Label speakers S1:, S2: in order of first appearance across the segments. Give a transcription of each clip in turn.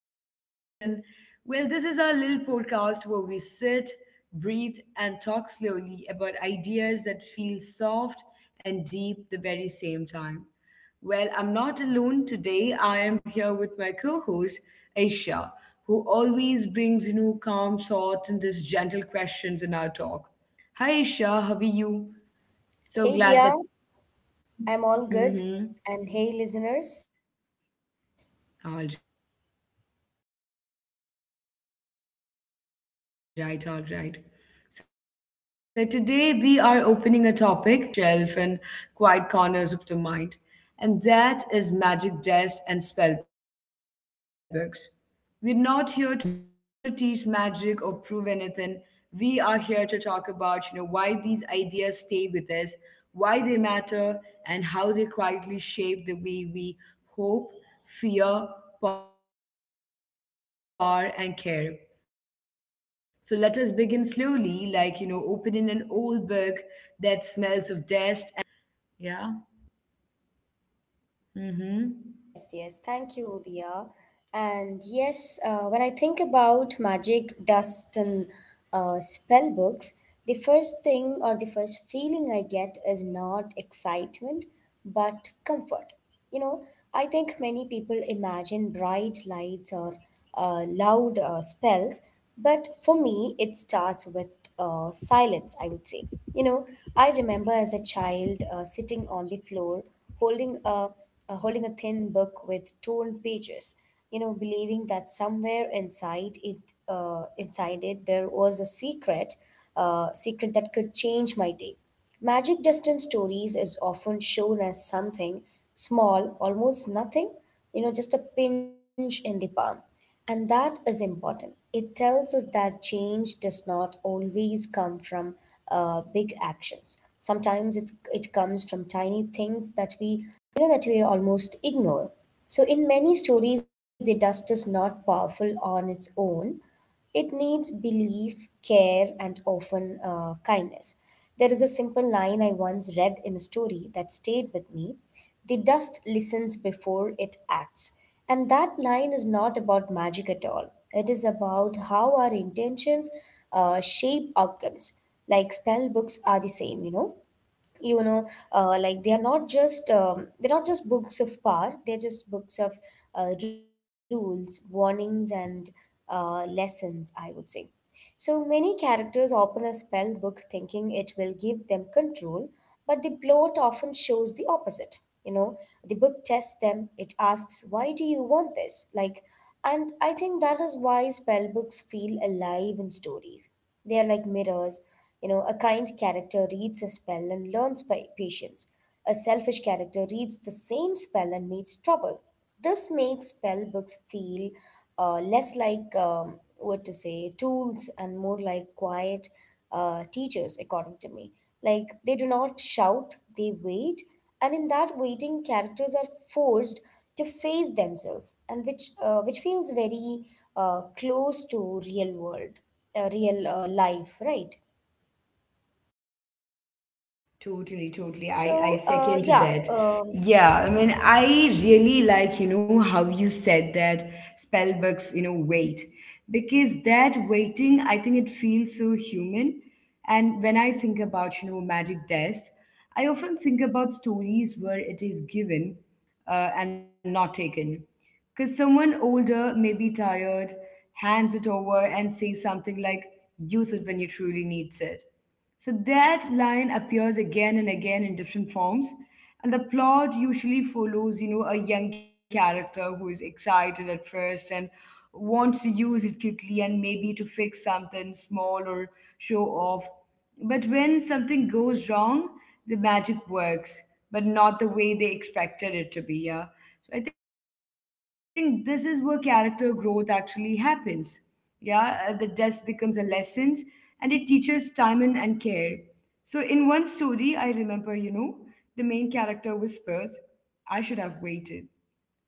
S1: your host, and this is our little podcast where we sit, breathe, and talk slowly about ideas that feel soft and deep the very same time. Well, I'm not alone today. I am here with my co host, Aisha, who always brings new calm thoughts and these gentle questions in our talk. Hi, Aisha, how are you?
S2: Hey Dia,
S1: So glad
S2: I'm
S1: that.
S2: all good. And hey listeners.
S1: Mhm. All right, all right. So today we are opening a topic that sort of feels like it comes, from childhood shelf and quiet corners of the mind. And that is magic dust and spell books. We're not here to teach magic or prove anything. We are here to talk about, why these ideas stay with us, why they matter, and how they quietly shape the way we hope, fear, power, and care. So let us begin slowly, like, opening an old book that smells of dust and time. Over to you, Aisha. Tell me what your view is on
S2: Yes,
S1: this.
S2: yes, thank you,
S1: Yeah.
S2: Dia. And yes, when I think
S1: Mm-hmm.
S2: about magic, dust, and spell books, the first feeling I get is not excitement, but comfort. You know, I think many people imagine bright lights or loud spells, but for me, it starts with silence, I would say. You know, I remember as a child sitting on the floor holding a uh, holding a thin book with torn pages, you know, believing that somewhere inside it there was a secret that could change my day. Magic Distance Stories is often shown as something small, almost nothing, you know, just a pinch in the palm. And that is important. It tells us that change does not always come from big actions. Sometimes it comes from tiny things that we, you know, that we almost ignore. So in many stories, the dust is not powerful on its own. It needs belief, care, and often kindness. There is a simple line I once read in a story that stayed with me. The dust listens before it acts. And that line is not about magic at all. It is about how our intentions shape outcomes. Like spell books are the same, like they are not just books of power, they're just books of rules, warnings, and lessons, I would say. So many characters open a spell book thinking it will give them control, but the plot often shows the opposite. You know, the book tests them. It asks, why do you want this? And I think that is why spell books feel alive in stories. They are like mirrors. You know, a kind character reads a spell and learns patience. A selfish character reads the same spell and meets trouble. This makes spell books feel less like what to say tools and more like quiet teachers, according to me. Like they do not shout, they wait, and in that waiting characters are forced to face themselves, and which feels very close to real world, real life, right?
S1: Totally, totally. I
S2: so uh,
S1: second to
S2: yeah
S1: that.
S2: um,
S1: Yeah, I mean, I
S2: mhm,
S1: really like, how you said that spell books, wait. Because that waiting, I think it feels so human. And when I think about, Magic Desk, I often think about stories where it is given and not taken. Because someone older maybe tired, hands it over, and says something like, use it when you truly needs it, so that line appears again and again in different forms, and the plot usually follows, a young character who is excited at first and wants to use it quickly and maybe to fix something small or show off. But when something goes wrong, the magic works, but not the way they expected it to be. Yeah. So I think this is where character growth actually happens. Yeah the desk becomes a lesson, and it teaches time and care. So in one story, I remember, the main character whispers, I should have waited,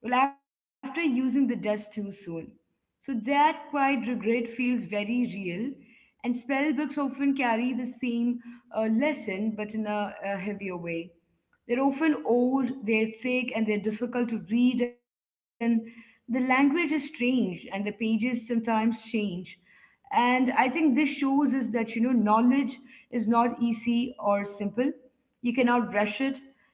S1: well after using the desk too soon. So that quiet regret feels very real, and spell books often carry the same lesson, but in a heavier way. They're often old, they're thick, and they're difficult to read, and the language is strange, and the pages sometimes change. And I think this shows us that, knowledge is not easy or simple. You cannot rush it.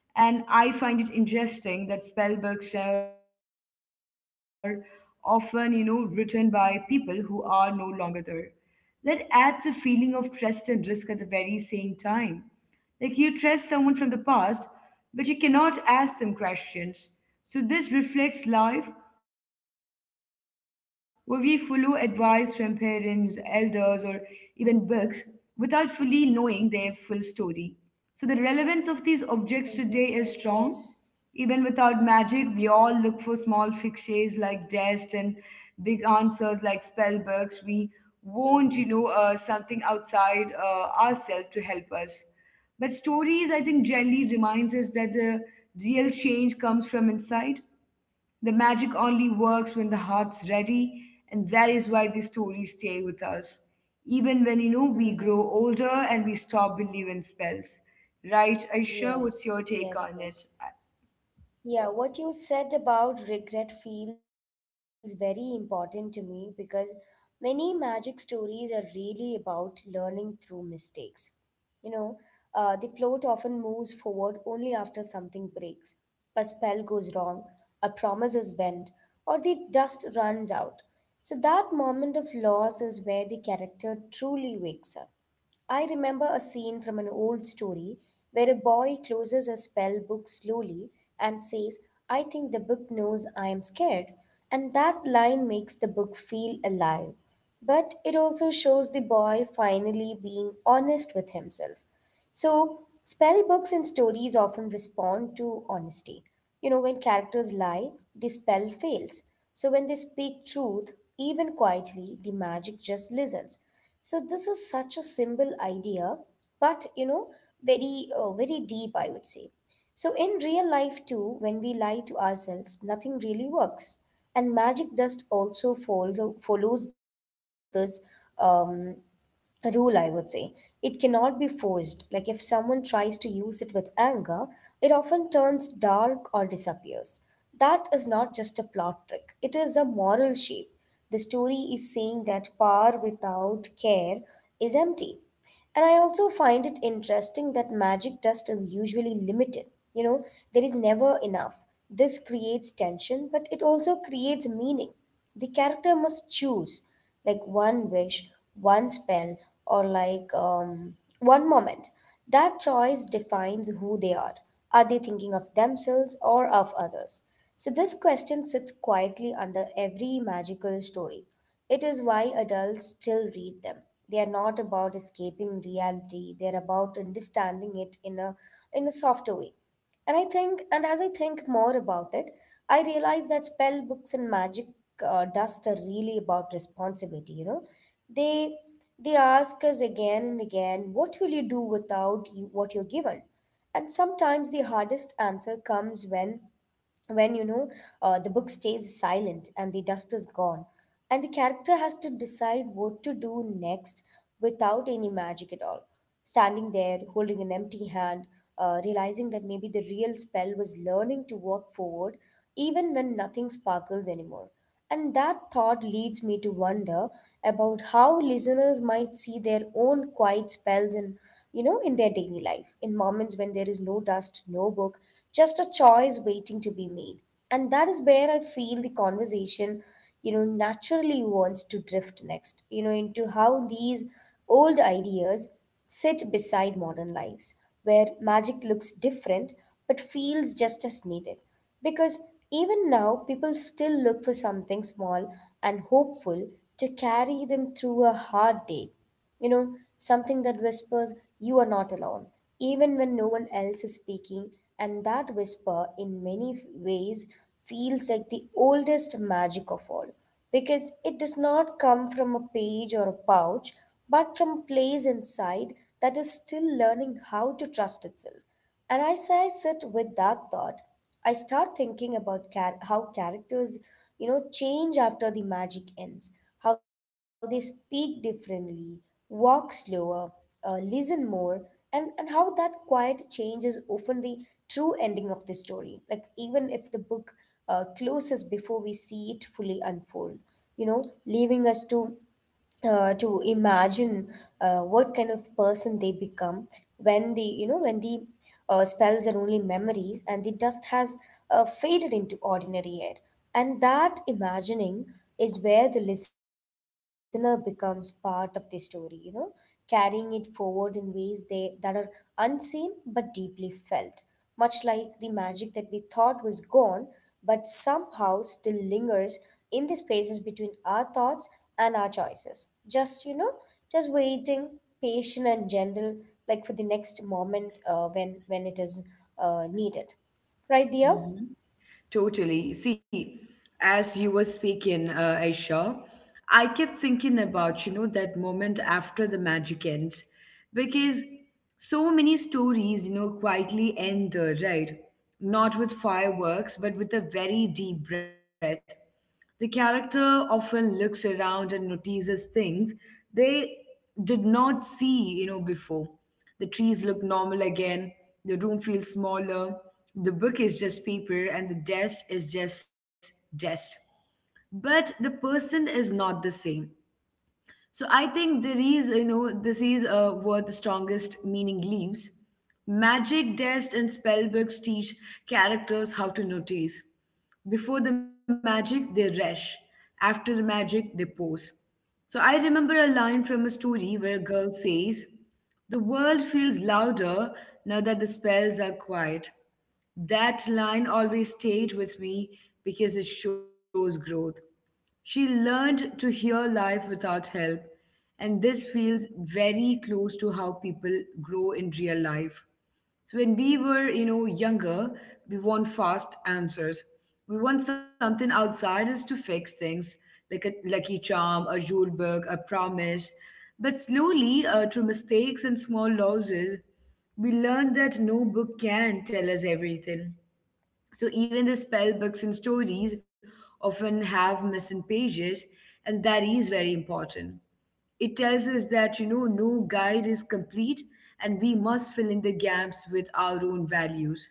S1: And I find it interesting that spell books are often, written by people who are no longer there. That adds a feeling of trust and risk at the very same time. Like you trust someone from the past, but you cannot ask them questions. So this reflects life where we follow advice from parents, elders, or even books without fully knowing their full story. So the relevance
S2: mhm,
S1: of these
S2: mhm,
S1: objects
S2: yes.
S1: today is strong. Even without magic, we all look for small fixes like dust and big answers like spell books. We want, something outside ourselves to help us. But stories, I think, generally reminds us that the real change comes from inside. The magic only works when the heart's ready, and that is why these stories stay with
S2: Hmm.
S1: us. Even when, we grow older and we stop believing spells. Right, Aisha,
S2: Yes,
S1: what's your take
S2: yes,
S1: on
S2: yes.
S1: it?
S2: Yeah, what you said about regret feels very important to me because many magic stories are really about learning through mistakes. You know, the plot often moves forward only after something breaks. A spell goes wrong, a promise is bent, or the dust runs out. So that moment of loss is where the character truly wakes up. I remember a scene from an old story where a boy closes a spell book slowly and says, I think the book knows I am scared. And that line makes the book feel alive. But it also shows the boy finally being honest with himself. So, spell books and stories often respond to honesty. You know, when characters lie, the spell fails. So, when they speak truth, even quietly, the magic just listens. So, this is such a simple idea, but you know, very, very deep, I would say. So, in real life, too, when we lie to ourselves, nothing really works. And magic dust also follows this um, rule, I would say. It cannot be forced. Like if someone tries to use it with anger, it often turns dark or disappears. That is not just a plot trick, it is a moral shape. The story is saying that power without care is empty. And I also find it interesting that magic dust is usually limited. You know, there is never enough. This creates tension, but it also creates meaning. The character must choose, like one wish, one spell, or like one moment. That choice defines who they are. Are they thinking of themselves or of others? So, this question sits quietly under every magical story. It is why adults still read them. They are not about escaping reality, they are about understanding it in a softer way. And I think, and as I think more about it, I realize that spell books and magic dust are really about responsibility. You know, they they ask us again and again, what will you do without you, what you're given? And sometimes the hardest answer comes when when you know the book stays silent and the dust is gone and the character has to decide what to do next without any magic at all, standing there holding an empty hand, realizing that maybe the real spell was learning to walk forward even when nothing sparkles anymore. And that thought leads me to wonder about how listeners might see their own quiet spells in, you know, in their daily life, in moments when there is no dust, no book, just a choice waiting to be made. And that is where I feel the conversation, you know, naturally wants to drift next, you know, into how these old ideas sit beside modern lives, where magic looks different but feels just as needed. Because even now, people still look for something small and hopeful to carry them through a hard day. You know, something that whispers, you are not alone, even when no one else is speaking. And that whisper, in many ways, feels like the oldest magic of all, because it does not come from a page or a pouch, but from a place inside that is still learning how to trust itself. And as I sit with that thought, I start thinking about how characters, you know, change after the magic ends, how they speak differently, walk slower, listen more, and how that quiet change is often the true ending of the story. Like, even if the book closes before we see it fully unfold, you know, leaving us to imagine what kind of person they become when the you know when the spells are only memories and the dust has faded into ordinary air. And that imagining is where the listener becomes part of the story, you know, carrying it forward in ways they that are unseen but deeply felt, much like the magic that we thought was gone but somehow still lingers in the spaces between our thoughts and our choices. Just, you know, just waiting, patient and gentle, like for the next moment when it is needed. Right, dear?
S1: Mhm. Totally. See, as you were speaking, Aisha, I kept thinking about, that moment after the magic ends, because so many stories, quietly end there, right? Not with fireworks, but with a very deep breath. The character often looks around and notices things they did not see, before. The trees look normal again, the room feels smaller, the book is just paper, and the desk is just desk. But the person is not the same. So I think there is, this is where the strongest meaning lives. Magic, dest, and spell books teach characters how to notice. Before the magic, they rush. After the magic, they pause. So I remember a line from a story where a girl says, the world feels louder now that the spells are quiet. That line always stayed with me because it shows growth. She learned to hear life without help, and this feels very close to how people grow in real life. So when we were, younger, we want fast answers. We want something outside us to fix things, like a lucky charm, a rule book, a promise. But slowly, through mistakes and small losses, we learn that no book can tell us everything. So even the spell books and stories often have missing pages, and that is very important. It tells us that, no guide is complete and we must fill in the gaps with our own values.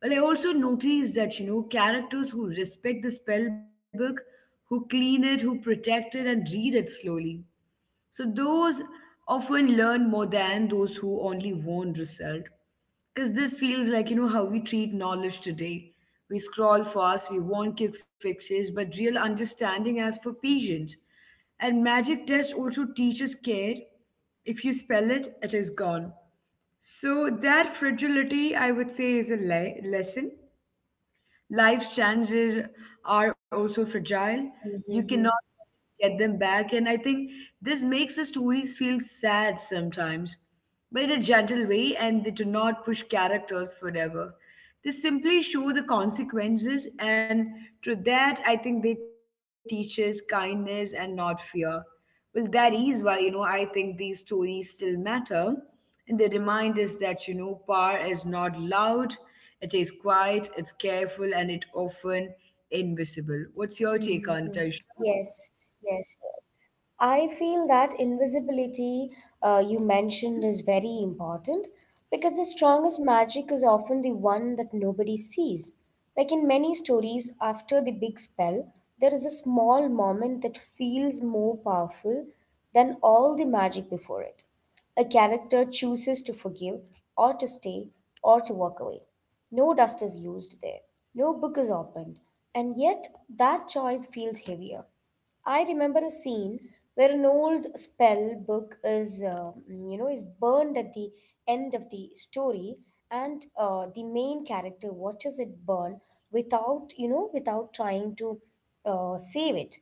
S1: Well, I also noticed that, characters who respect the spell book, who clean it, who protect it, and read it slowly. So those often learn more than those who only want result. Because this feels like, how we treat knowledge today. We scroll fast, we want quick fixes, but real understanding asks for patience. And magic test also teaches care. If you spell it, it is gone. So that fragility, I would say, is a lesson. Life's chances are also fragile. You cannot get them back. And I think this makes the stories feel sad sometimes, but in a gentle way, and they do not push characters forever. They simply show the consequences, and through that, I think they teach us kindness and not fear. Well, that is why, I think these stories still matter. And they remind us that, power is not loud, it is quiet, it's careful, and it often invisible. What's your take on it, Aisha?
S2: Mm-hmm. Yes, yes, yes. I feel that invisibility you mentioned is very important because the strongest magic is often the one that nobody sees. Like in many stories, after the big spell, there is a small moment that feels more powerful than all the magic before it. A character chooses to forgive, or to stay, or to walk away. No dust is used there, no book is opened, and yet that choice feels heavier. I remember a scene where an old spell book is, is burned at the end of the story, and the main character watches it burn without, you know, without trying to save it.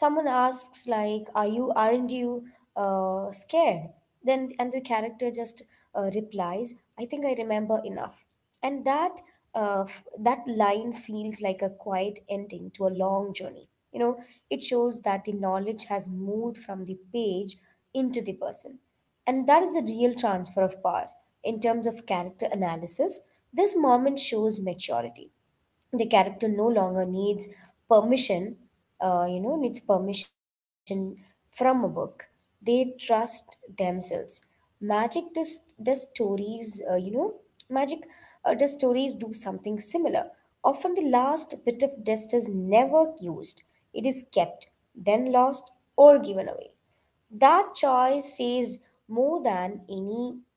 S2: Someone asks like, "Are you? Aren't you scared?" And the character just replies, "I think I remember enough." And that that line feels like a quiet ending to a long journey. You know, it shows that the knowledge has moved from the page into the person, and that is the real transfer of power. In terms of character analysis, this moment shows maturity. The character no longer needs permission, needs permission from a book. They trust themselves. Magic does stories you know magic does stories do something similar. Often the last bit of dust is never used. It is kept, then lost or given away. That choice says more than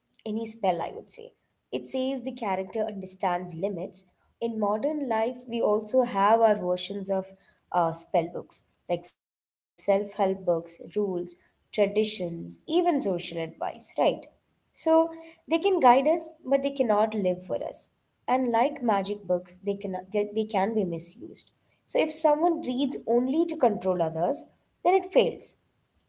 S2: any spell, I would say. It says the character understands limits. In modern life, we also have our versions of spell books, like self-help books, rules, traditions, even social advice, right? So they can guide us, but they cannot live for us. And like magic books, they can be misused. So if someone reads only to control others, then it fails.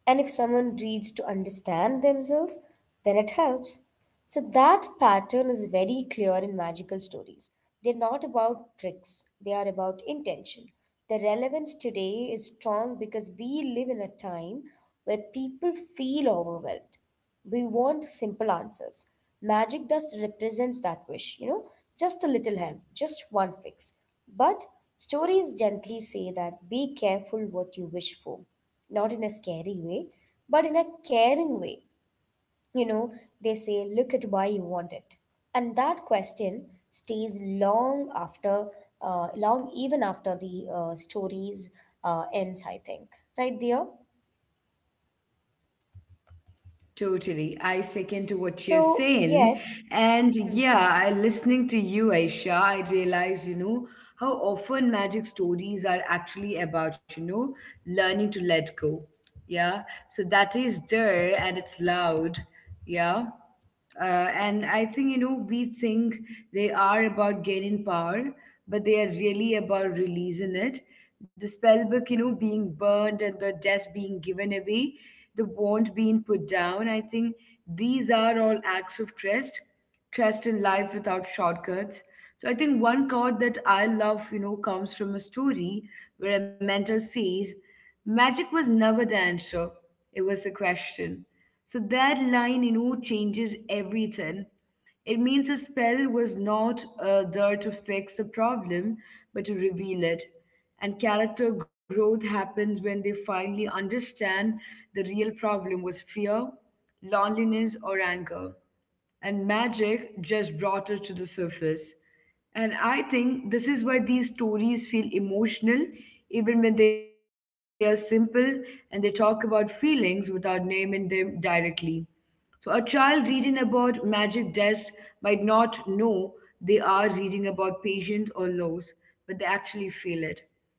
S2: And if someone reads to understand themselves, then it helps. So that pattern is very clear in magical stories. They're not about tricks, they are about intention. The relevance today is strong because we live in a time where people feel overwhelmed. We want simple answers. Magic dust represents that wish, you know, just a little help, just one fix. But stories gently say that be careful what you wish for, not in a scary way, but in a caring way. You know, they say, look at why you want it. And that question stays long after, long even after the stories ends, I think. Right, dear?
S1: Totally. I second to what you're
S2: So,
S1: saying.
S2: yes.
S1: And yeah, I
S2: Mhm.
S1: listening to you, Aisha, I realize, how often magic stories are actually about, learning to let go. Yeah. So that is there and it's loud. Yeah. Uh, and I think, we think they are about gaining power, but they are really about releasing it. The spell book, being burned and the desk being given away, the wand being put down. I think these are all acts of trust, trust in life without shortcuts. So I think one quote that I love, comes from a story where a mentor says, magic was never the answer, it was the question. So that line, changes everything. It means a spell was not there to fix the problem, but to reveal it. And character growth happens when they finally understand the real problem was fear, loneliness, or anger. And magic just brought it to the surface. And I think this is why these stories feel emotional, even when they are simple and they talk about feelings without naming them directly. So a child reading about magic dust might not know they are reading about patience or laws, but they actually feel it.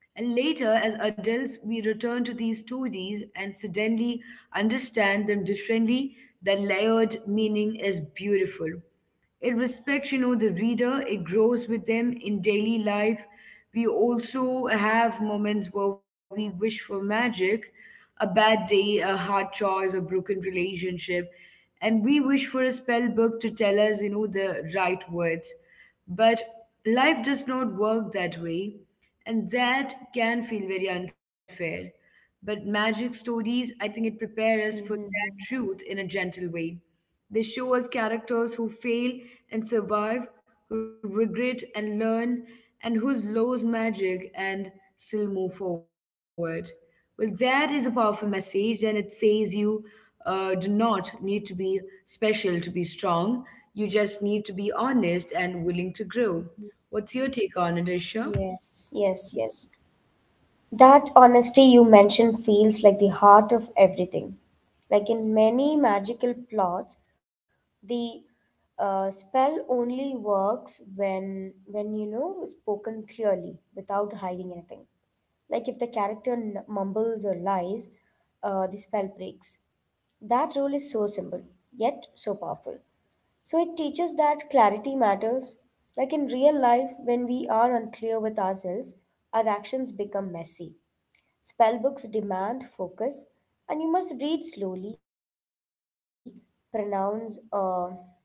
S1: And later, as adults, we return to these stories and suddenly understand them differently. Their layered meaning is beautiful. It respects, the reader. It grows with them. In daily life, we also have moments where we wish for magic, a bad day, a hard choice, a broken relationship, and we wish for a spell book to tell us, the right words. But life does not work that way, and that can feel very unfair. But magic stories, I think, it prepares us for
S2: Mhm.
S1: that truth in a gentle way. They show us characters who fail and survive, who regret and learn, and who lose magic and still move forward. Well, that is a powerful message, and it says you do not need to be special to be strong. You just need to be honest and willing to grow. What's your take on it, Isha?
S2: Yes, yes, yes. That honesty you mentioned feels like the heart of everything. Like in many magical plots, the spell only works when spoken clearly without hiding anything. Like if the character mumbles or lies, the spell breaks. That rule is so simple yet so powerful. So it teaches that clarity matters. Like in real life, when we are unclear with ourselves, our actions become messy. Spellbooks demand focus, and you must read slowly, pronounce, you know,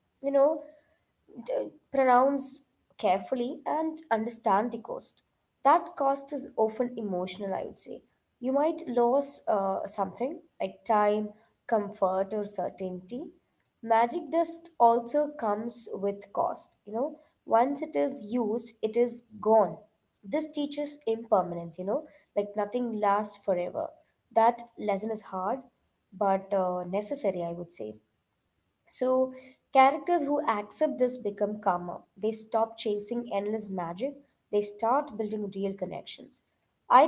S2: d- pronounce carefully and understand the cost. That cost is often emotional, I would say. You might lose something like time, comfort, or certainty. Magic dust also comes with cost. You know, once it is used, it is gone. This teaches impermanence, you know, like nothing lasts forever. That lesson is hard, but necessary, I would say. So, characters who accept this become calmer. They stop chasing endless magic, they start building real connections.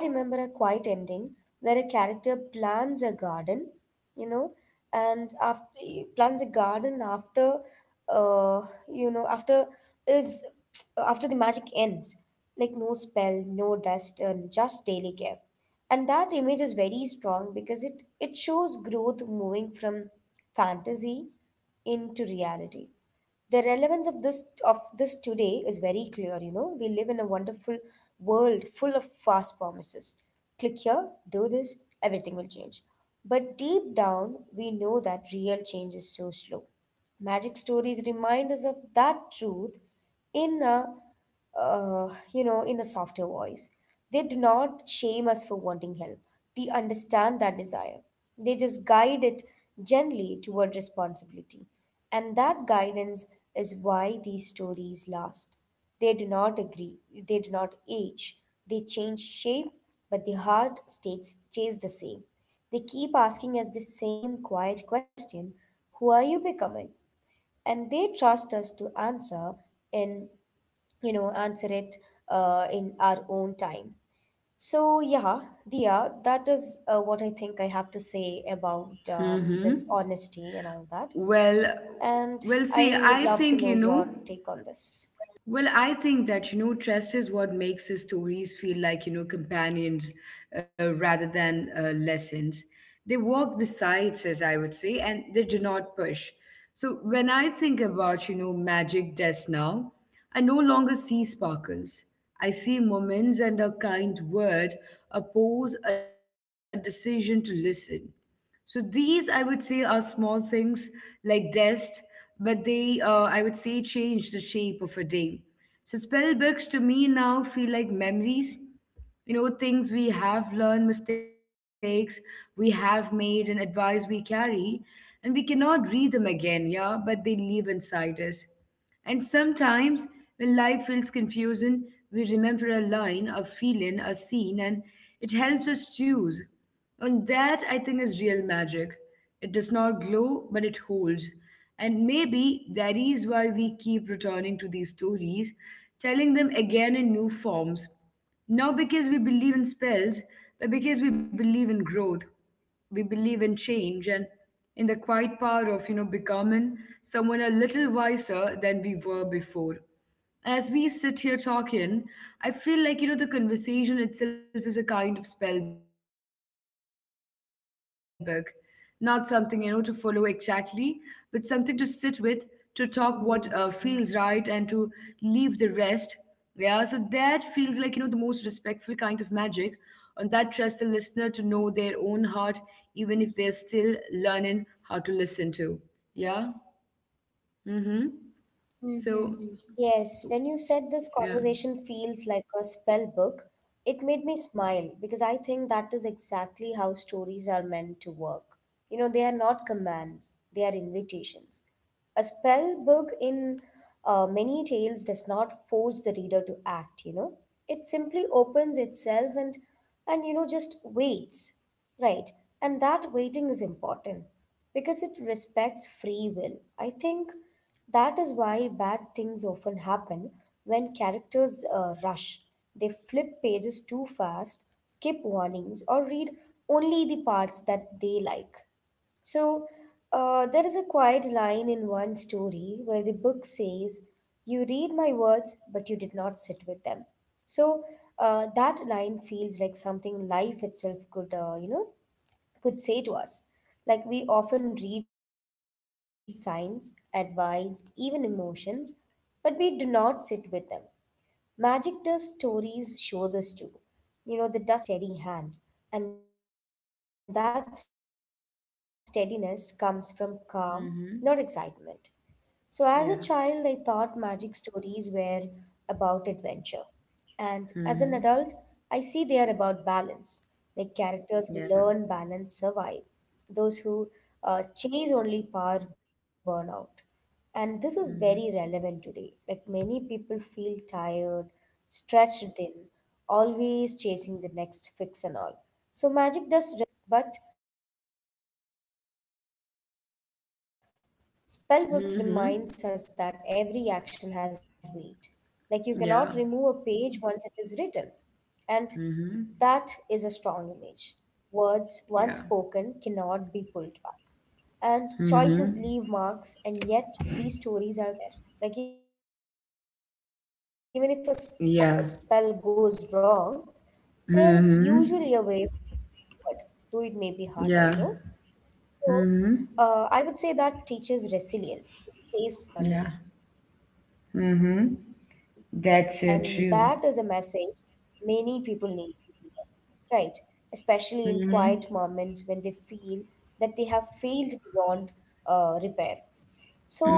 S2: I remember a quiet ending where a character plants a garden, you know, and after plants a garden after, uh, you know, after is after the magic ends, like no spell, no dust, and just daily care. And that image is very strong because it shows growth moving from fantasy into reality. The relevance of this today is very clear. You know, we live in a wonderful world full of fast promises. Click here, do this, everything will change. But deep down, we know that real change is so slow. Magic stories remind us of that truth in a uh, you know, in a softer voice. They do not shame us for wanting help. They understand that desire. They just guide it gently toward responsibility. And that guidance is why these stories last. They do not agree, they do not age, they change shape, but the heart stays the same. They keep asking us the same quiet question: Who are you becoming? And they trust us to answer in you know answer it in our own time. So yeah, Dia, that is what I think I have to say about this
S1: Mm-hmm.
S2: honesty and all that.
S1: Well,
S2: And
S1: well,
S2: I
S1: see,
S2: would love
S1: I
S2: to know
S1: think you
S2: your
S1: know.
S2: take on this.
S1: Well, I think that, trust is what makes the stories feel like, companions rather than lessons. They walk beside us, I would say, and they do not push. So when I think about, magic just now, I no longer see sparkles. I see moments and a kind word, a pause, a decision to listen. So these, I would say, are small things like dust, but they, I would say, change the shape of a day. So spell books to me now feel like memories. You know, things we have learned, mistakes we have made, and advice we carry, and we cannot read them again, yeah, but they live inside us. And sometimes, when life feels confusing, we remember a line, a feeling, a scene, and it helps us choose. And that, I think, is real magic. It does not glow, but it holds. And maybe that is why we keep returning to these stories, telling them again in new forms. Not because we believe in spells, but because we believe in growth, we believe in change, and in the quiet power of becoming someone a little wiser than we were before. As we sit here talking, I feel like, the conversation itself is a kind of spell book. Not something, to follow exactly, but something to sit with, to talk what feels right, and to leave the rest. Yeah, so that feels like, the most respectful kind of magic. And that trusts the listener to know their own heart, even if they're still learning how to listen to. Yeah? Mm hmm. So,
S2: Mm-hmm. Yes, when you said this
S1: yeah.
S2: conversation feels like a spell book, it made me smile because I think that is exactly how stories are meant to work. You know, they are not commands, they are invitations. A spell book in many tales does not force the reader to act, you know, it simply opens itself and just waits, right? And that waiting is important because it respects free will, I think. That is why bad things often happen when characters rush. They flip pages too fast, skip warnings, or read only the parts that they like. So, there is a quiet line in one story where the book says, "You read my words, but you did not sit with them." So, that line feels like something life itself could, could say to us. Like we often read signs, advice, even emotions, but we do not sit with them. Magic does stories show this too. You know, the dust does not work if it is thrown carelessly. It needs a steady hand, and that steadiness comes from
S1: Mm
S2: calm,
S1: hmm.
S2: not excitement. So, as a
S1: yeah.
S2: child, I thought magic stories were about adventure. And as
S1: Mm-hmm.
S2: an adult, I see they are about balance, like
S1: Yeah.
S2: characters who learn balance survive, those who chase only power burn out. And this
S1: Mm-hmm.
S2: is very relevant today. Like many people feel tired, stretched thin, always chasing the next fix and all. So magic does represents that temptation. Like just one more push, one more trick, but
S1: Mm-hmm.
S2: spellbooks reminds us that every action has weight. Like you
S1: Yeah.
S2: cannot remove a page once it is written. And
S1: Mm-hmm.
S2: that is a strong image. Words once spoken
S1: Yeah.
S2: cannot be pulled back. And choices leave marks, and
S1: Mm-hmm.
S2: yet these stories are never, you know, cruel. They always leave space for repair. Like, even if
S1: Yeah.
S2: a spell goes wrong, there is usually a way
S1: Mm-hmm.
S2: forward, though it may be harder, you know?
S1: Yeah.
S2: So, I would say
S1: Mm-hmm.
S2: that teaches resilience. It says that
S1: Yeah.
S2: mistakes are not the end. You know,
S1: Mm-hmm.
S2: they are part of learning.
S1: That's so
S2: And
S1: true.
S2: that is a message many people need to hear, right? Especially in
S1: Mm-hmm.
S2: quiet moments when they feel that they have failed beyond repair.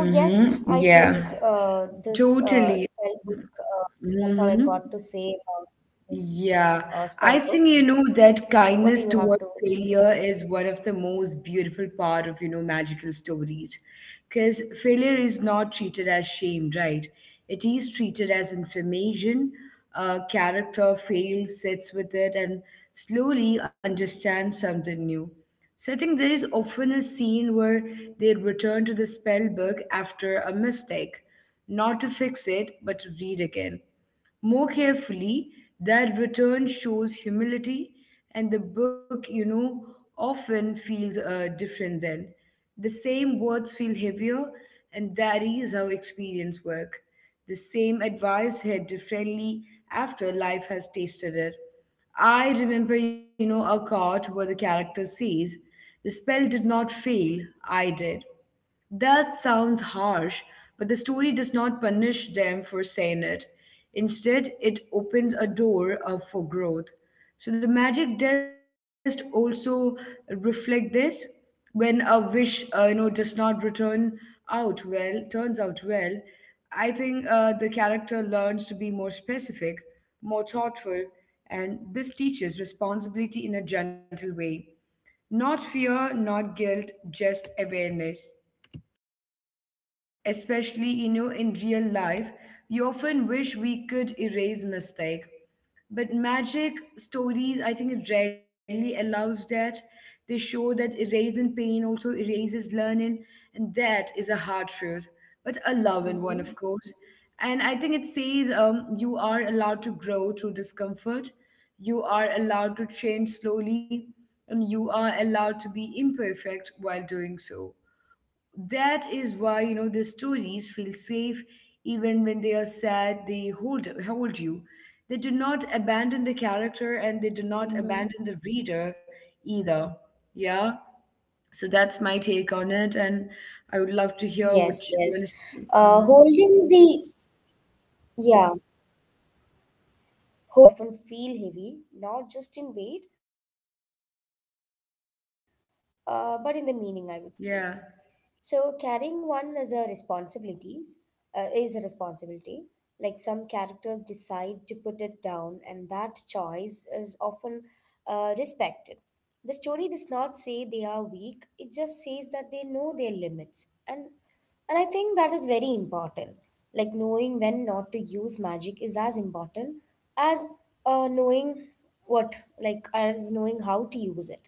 S2: So, yes,
S1: Yeah.
S2: I think
S1: Totally.
S2: that's all I
S1: Mm-hmm.
S2: got to say about this
S1: Yeah,
S2: spell
S1: I
S2: book.
S1: think that
S2: What do you
S1: kindness
S2: have to
S1: toward
S2: say
S1: failure
S2: about
S1: is one of the most beautiful part of magical stories, because failure is not treated as shame, right? It is treated as information. A character fails, sits with it, and slowly understands something new. So I think there is often a scene where they return to the spell book after a mistake, not to fix it, but to read again more carefully. That return shows humility, and the book, often feels different then. The same words feel heavier, and that is how experience work. The same advice hit differently after life has tasted it. I remember, a card where the character says, "The spell did not fail, I did." That sounds harsh, but the story does not punish them for saying it. Instead, it opens a door for growth. So the magic test also reflect this. When a wish, does not return out well, turns out well, I think the character learns to be more specific, more thoughtful, and this teaches responsibility in a gentle way. Not fear, not guilt, just awareness, especially in real life. We often wish we could erase mistake, but magic stories, I think it rarely allows that. They show that erasing pain also erases learning, and that is a hard truth,
S2: it?
S1: but a
S2: Mm-hmm.
S1: loving one, of course. And I think it says, you are allowed to grow through discomfort, you are allowed to change slowly, and you are allowed to be imperfect while doing so. That is why, the stories feel safe. Even when they are sad, they hold you. They do not abandon the character, and they do not abandon the reader
S2: Mm-hmm.
S1: either. Yeah. So that's my take on it. And
S2: Yes,
S1: I would
S2: yes.
S1: love to hear
S2: Uh,
S1: what you want
S2: holding
S1: to
S2: the,
S1: say. Mhm.
S2: yeah, holding the reader, yes, that is the feeling. Spell books in stories often feel heavy, not just in weight, but in the meaning, I would
S1: Yeah.
S2: say. So carrying one is a is a responsibility. Like some characters decide to put it down, and that choice is often respected. The story does not say they are weak, it just says that they know their limits. And I think that is very important. Like knowing when not to use magic is as important as uh, knowing what, as knowing how to use it.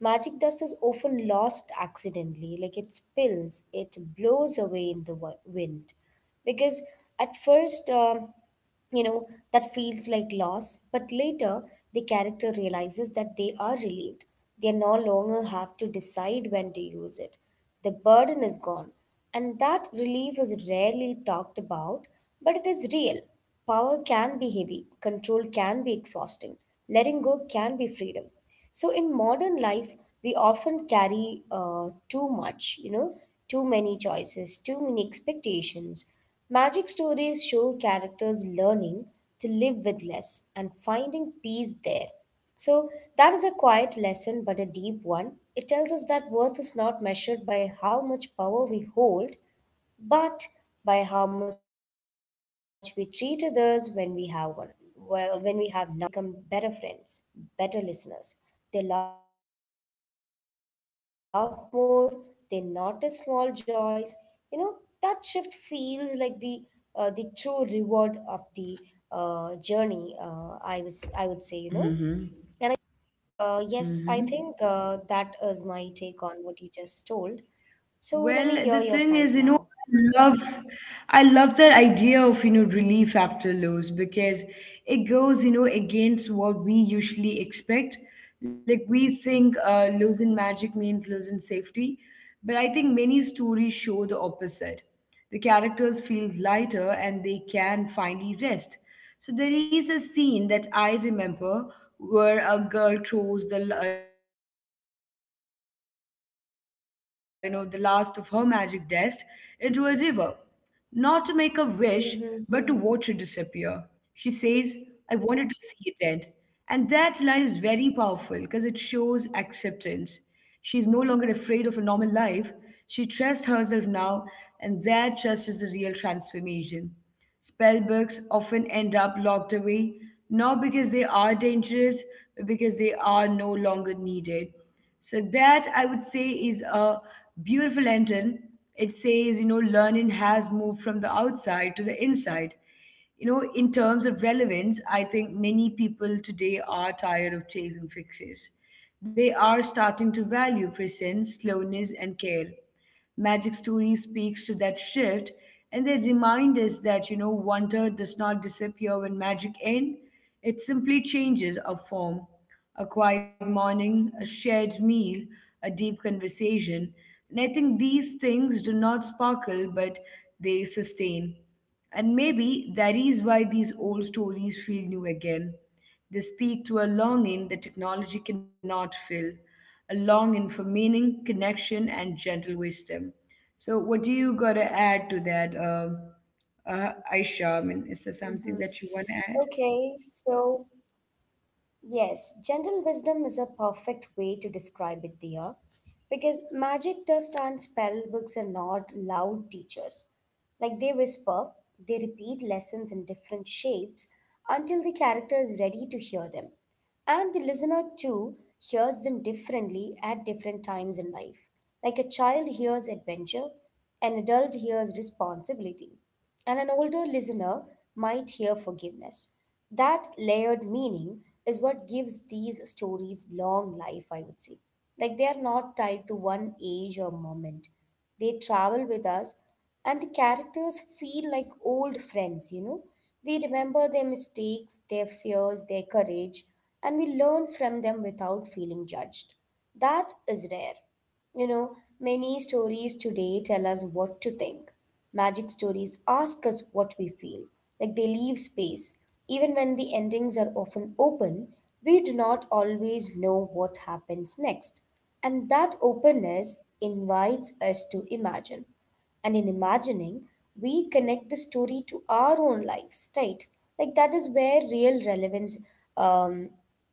S2: Magic dust is often lost accidentally, like it spills, it blows away in the wind. Because at first, you know that feels like loss, but later the character realizes that they are relieved. They no longer have to decide when to use it. The burden is gone, and that relief is rarely talked about, but it is real. Power can be heavy, control can be exhausting, letting go can be freedom. So in modern life, we often carry too much, you know, too many choices, too many expectations. Magic stories show characters learning to live with less and finding peace there. So that is a quiet lesson, but a deep one. It tells us that worth is not measured by how much power we hold, but by how much we treat others when we have one, well, when we have none. And often, after the magic ends, characters become better friends, better listeners. They laugh more, they notice small joys. You know, that shift feels like the true reward of the journey, I would say, you know.
S1: Mm-hmm.
S2: And I,
S1: Mm-hmm.
S2: yes, I think that is my take on what you just told.
S1: Well, the
S2: So
S1: thing
S2: let
S1: is,
S2: me hear your side
S1: I
S2: now.
S1: love I love that idea of, relief after loss, because it goes, against what we usually expect. Like we think losing magic means losing safety, but I think many stories show the opposite. The characters feels lighter, and they can finally rest. So there is a scene that I remember where a girl throws the, the last of her magic dust into a river, not to make a wish, but to watch it disappear. She says,
S2: Mm-hmm.
S1: "I wanted to see it end." And that line is very powerful because it shows acceptance. She is no longer afraid of a normal life. She trusts herself now, and that trust is the real transformation. Spell books often end up locked away, not because they are dangerous, but because they are no longer needed. So that, I would say, is a beautiful lantern. It says, learning has moved from the outside to the inside. In terms of relevance, I think many people today are tired of chasing fixes. They are starting to value presence, slowness, and care. Magic Story speaks to that shift, and they remind us that, wonder does not disappear when magic ends, it simply changes a form. A quiet morning, a shared meal, a deep conversation. And I think these things do not sparkle, but they sustain. And maybe that is why these old stories feel new again. They speak to a longing that technology cannot fill, a longing for meaning, connection, and gentle wisdom. So, what do you got to add to that, Aisha? I
S2: Mm-hmm.
S1: mean, is there something that you
S2: Okay,
S1: want to add?
S2: so yes, gentle wisdom is a perfect way to describe it, Diya. Because magic dust and spell books are not loud teachers. Like they whisper, they repeat lessons in different shapes until the character is ready to hear them. And the listener, too, hears them differently at different times in life. Like a child hears adventure, an adult hears responsibility, and an older listener might hear forgiveness. That layered meaning is what gives these stories long life, I would say. Like they are not tied to one age or moment. They travel with us, and the characters feel like old friends, you know, we remember their mistakes, their fears, their courage, and we learn from them without feeling judged. That is rare. You know, many stories today tell us what to think. Magic stories ask us what we feel, like they leave space. Even when the endings are often open, we do not always know what happens next. And that openness invites us to imagine. And in imagining, we connect the story to our own lives, right? Like that is where real relevance um,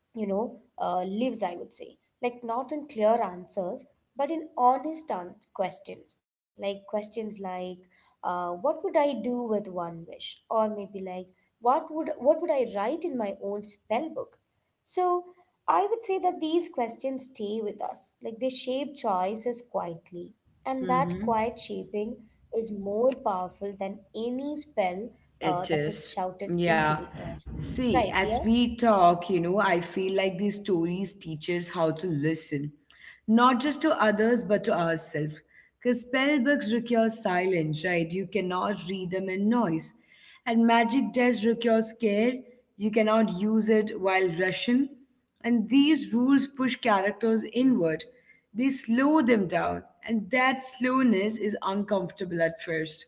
S2: lives, I would say. Like, not in clear answers, but in honest questions. Like, questions like, what would I do with one wish? Or maybe like, what would I write in my own spell book? So, I would say that these questions stay with us. Like, they shape choices quietly. And that quiet
S1: Mm-hmm.
S2: shaping is more powerful than any spell that is
S1: It
S2: shouted
S1: is.
S2: into the air.
S1: Yeah.
S2: Right, dear?
S1: See, as we talk, I feel like these stories teach us how to listen, not just to others, but to ourselves. Because spell books require silence, right? You cannot read them in noise. And magic does require care. You cannot use it while rushing. And these rules push characters inward. They slow them down. And that slowness is uncomfortable at first,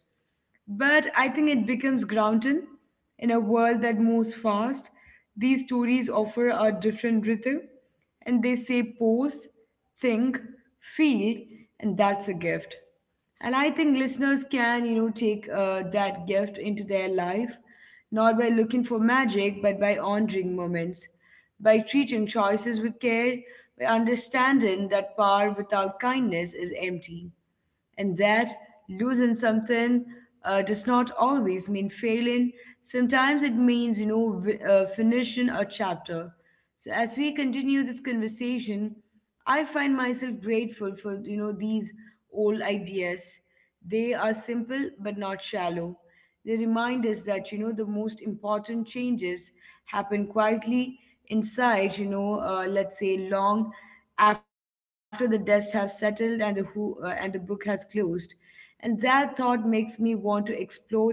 S1: but I think it becomes grounding in a world that moves fast. These stories offer a different rhythm, and they say pause, think, feel, and that's a gift. And I think listeners can, take that gift into their life, not by looking for magic, but by honoring moments, by treating choices with care, by understanding that power without kindness is empty, and that losing something does not always mean failing. Sometimes it means, finishing a chapter. So as we continue this conversation, I find myself grateful for, these old ideas. They are simple but not shallow. They remind us that the most important changes happen quietly inside, let's say long after the dust has settled and the book has closed. And that thought makes me want to explore next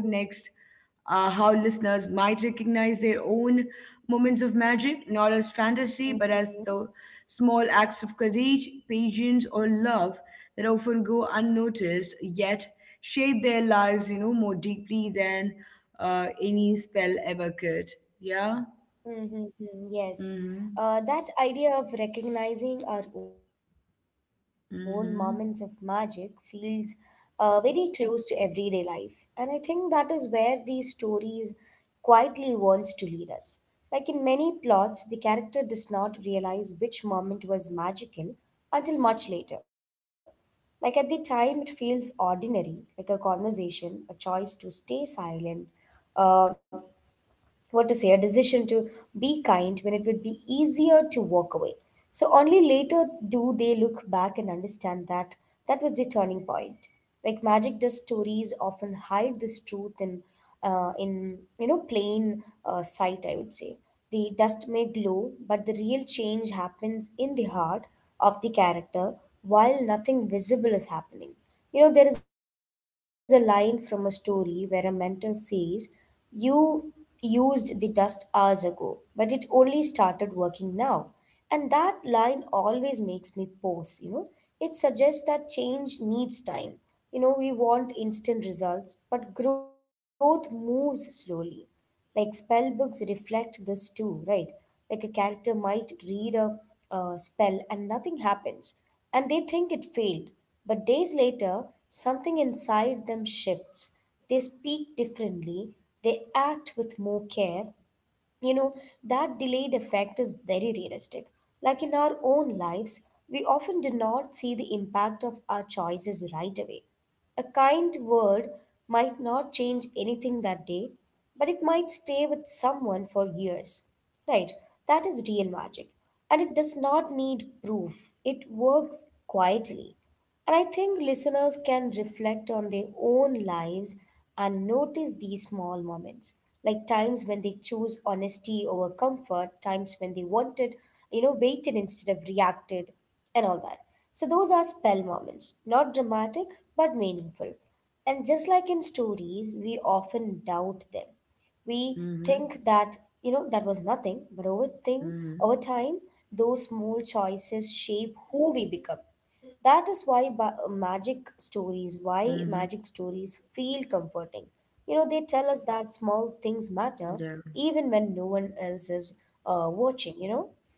S1: how listeners might recognize their own moments of magic, not as fantasy, but as the small acts of courage, patience, or love that often go unnoticed yet shape their lives, more deeply than any spell ever could. Yeah.
S2: Mm-hmm. Yes,
S1: Mm-hmm.
S2: that idea of recognizing our own moments of
S1: Mm-hmm.
S2: magic feels very close to everyday life. And I think that is where these stories quietly wants to lead us. Like in many plots, the character does not realize which moment was magical until much later. Like at the time, it feels ordinary, like a conversation, a choice to stay silent, uh, a decision to be kind when it would be easier to walk away. So only later do they look back and understand that that was the turning point. Like magic does stories often hide this truth in you know plain sight, I would say. The dust may glow, but the real change happens in the heart of the character while nothing visible is happening. You know, there is a line from a story where a mentor says, You used the dust hours ago, but it only started working now. And that line always makes me pause, you know. It suggests that change needs time. You know, we want instant results, but growth moves slowly. Like spellbooks reflect this too, right? Like a character might read a spell and nothing happens, and they think it failed. But days later, something inside them shifts. They speak differently, they act with more care, you know that delayed effect is very realistic, like in our own lives we often do not see the impact of our choices right away. A kind word might not change anything that day, but it might stay with someone for years, right? That is real magic, and it does not need proof. It works quietly. And I think listeners can reflect on their own lives and notice these small moments, like times when they chose honesty over comfort, times when they wanted, you know, waited instead of reacted, and all that. So those are spell moments, not dramatic but meaningful. And just like in stories, we often doubt them. We think
S1: Mm-hmm.
S2: that, you know, that was nothing, but over thing, over
S1: Mm-hmm.
S2: time, those small choices shape who we become. That is why
S1: Mm-hmm.
S2: magic stories feel comforting. You know, they tell us
S1: Yeah.
S2: that small things matter even when no one else is watching, you know.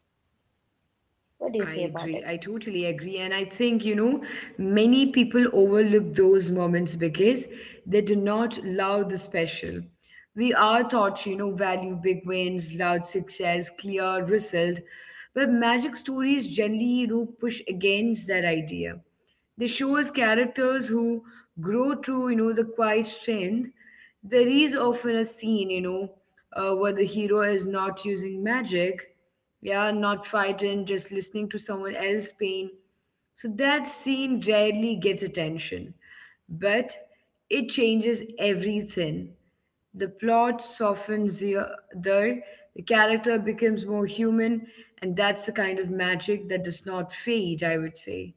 S1: I agree. I totally
S2: What do you
S1: agree.
S2: say
S1: And I
S2: about
S1: think,
S2: it?
S1: many people overlook those moments because they do not love the special. We are taught, value big wins, loud success, clear result. But magic stories generally, push against that idea. They show us characters who grow through, the quiet strength. There is often a scene, where the hero is not using magic, yeah, not fighting, just listening to someone else's pain. So that scene rarely gets attention, but it changes everything. The plot softens the other, the character becomes more human, and that's the kind of magic that does not fade, I would say.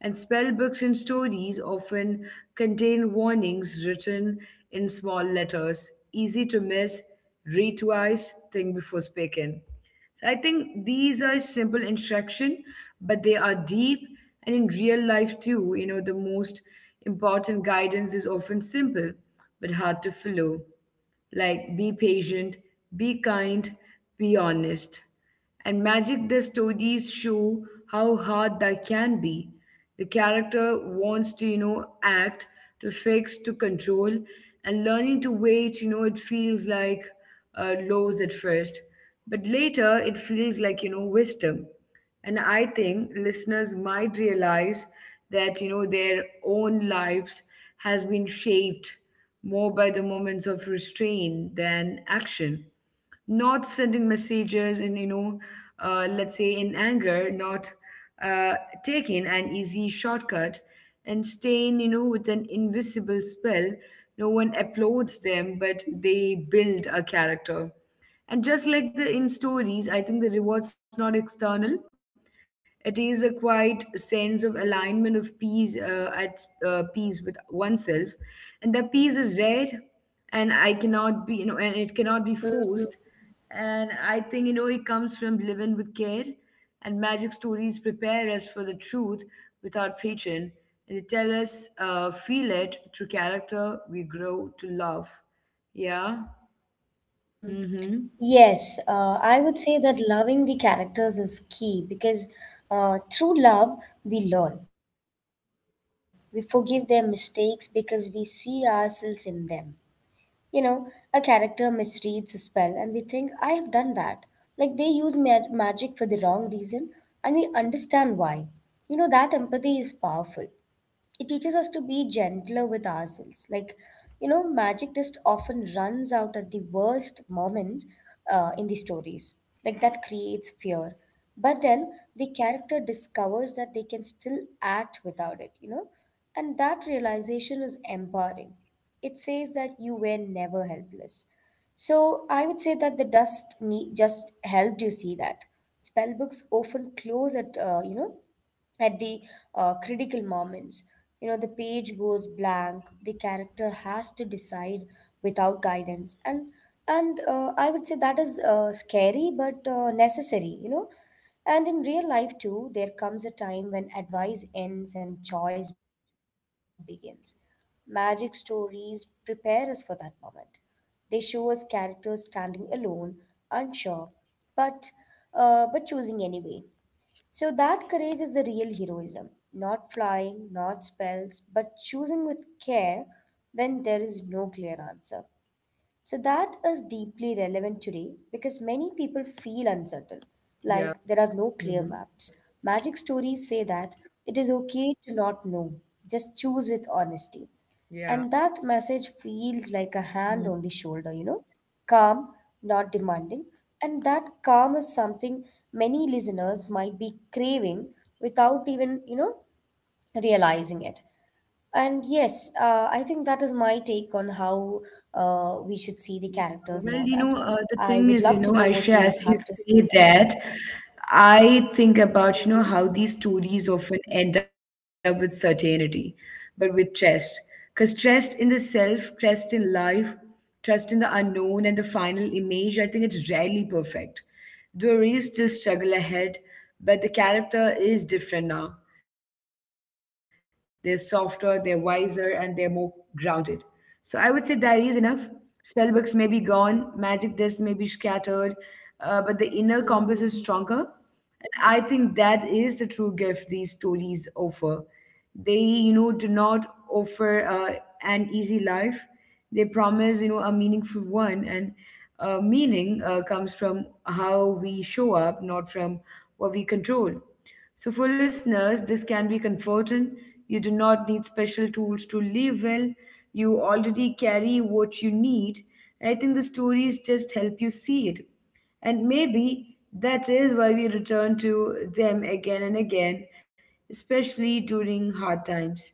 S1: And spell books and stories often contain warnings written in small letters, easy to miss, read twice, think before speaking. So I think these are simple instruction, but they are deep. And in real life too, the most important guidance is often simple but hard to follow. Like be patient, be kind, be honest. And magic the stories show how hard that can be. The character wants to, act, to fix, to control, and learning to wait, it feels like lows at first. But later, it feels like, wisdom. And I think listeners might realize that, their own lives has been shaped more by the moments of restraint than action, not sending messages in let's say in anger, not uh, taking an easy shortcut, and staying with an invisible spell. No one applauds them, but
S2: Mm-hmm.
S1: they build a character. And just like the in stories, I think the reward's not external, it is a quiet sense of alignment, of peace at peace with oneself. And that peace is rare, and I cannot be you know and it cannot be forced. And I think, it comes from living with care. And magic stories prepare us for the truth without preaching. And they tell us, feel it through character we grow to love. Yeah.
S2: Mm-hmm.
S1: Mm hmm.
S2: Yes, I would say that loving the characters is key, because through love, we learn. We forgive their mistakes because we see ourselves in them. You know, a character misreads a spell, and we think, I have done that. Like they use magic for the wrong reason, and we understand why. You know, that empathy is powerful. It teaches us to be gentler with ourselves. Like, you know, magic just often runs out at the worst moments in the stories. Like, that creates fear. But then the character discovers that they can still act without it, you know? And that realization is empowering. It says that you were never helpless. So I would say that the dust just helped you see that. Spell books often close at you know, at the critical moments. You know, the page goes blank. The character has to decide without guidance, and and I would say that is scary but necessary. You know, and in real life too, there comes a time when advice ends and choice begins. Magic stories prepare us for that moment. They show us characters standing alone, unsure, but but choosing anyway. So that courage is the real heroism, not flying, not spells, but
S1: Mm
S2: choosing
S1: hmm.
S2: with care when there is no clear answer.
S1: Yeah.
S2: So that
S1: Mm
S2: is
S1: hmm.
S2: deeply relevant today,
S1: Yeah.
S2: because many people feel uncertain, like there are no clear maps. Magic stories say that it is okay
S1: Yeah.
S2: to not know, just choose with honesty.
S1: Mm-hmm.
S2: And that message feels like a hand on the shoulder, you know, calm, not demanding. And that calm is something many listeners might be craving without even, you know, realizing it. And yes, I think that is my take on
S1: Yeah,
S2: how
S1: well,
S2: we should see the
S1: the thing is,
S2: characters and all that.
S1: Aisha, as you
S2: I would
S1: say
S2: love to know
S1: that,
S2: what do you have to say
S1: I
S2: about
S1: think
S2: this.
S1: about, how these stories often end up with certainty, but with trust. Because trust in the self, trust in life, trust in the unknown, and the final image, I think it's rarely perfect. There is still struggle ahead, but the character is different now. They're softer, they're wiser, and they're more grounded. So I would say that is enough. Spellbooks may be gone, magic dust may be scattered, but the inner compass is stronger. And I think
S2: Hmm.
S1: that is the true gift these stories offer. They, do not offer an easy life. They promise, you know, a meaningful one. And meaning comes from how we show up, not from what we control. So, for listeners, this can be comforting. You do not need special tools to live well. You already carry what you need. And I think the stories just help you see it. And maybe that is why we return to them again and again, especially during hard times,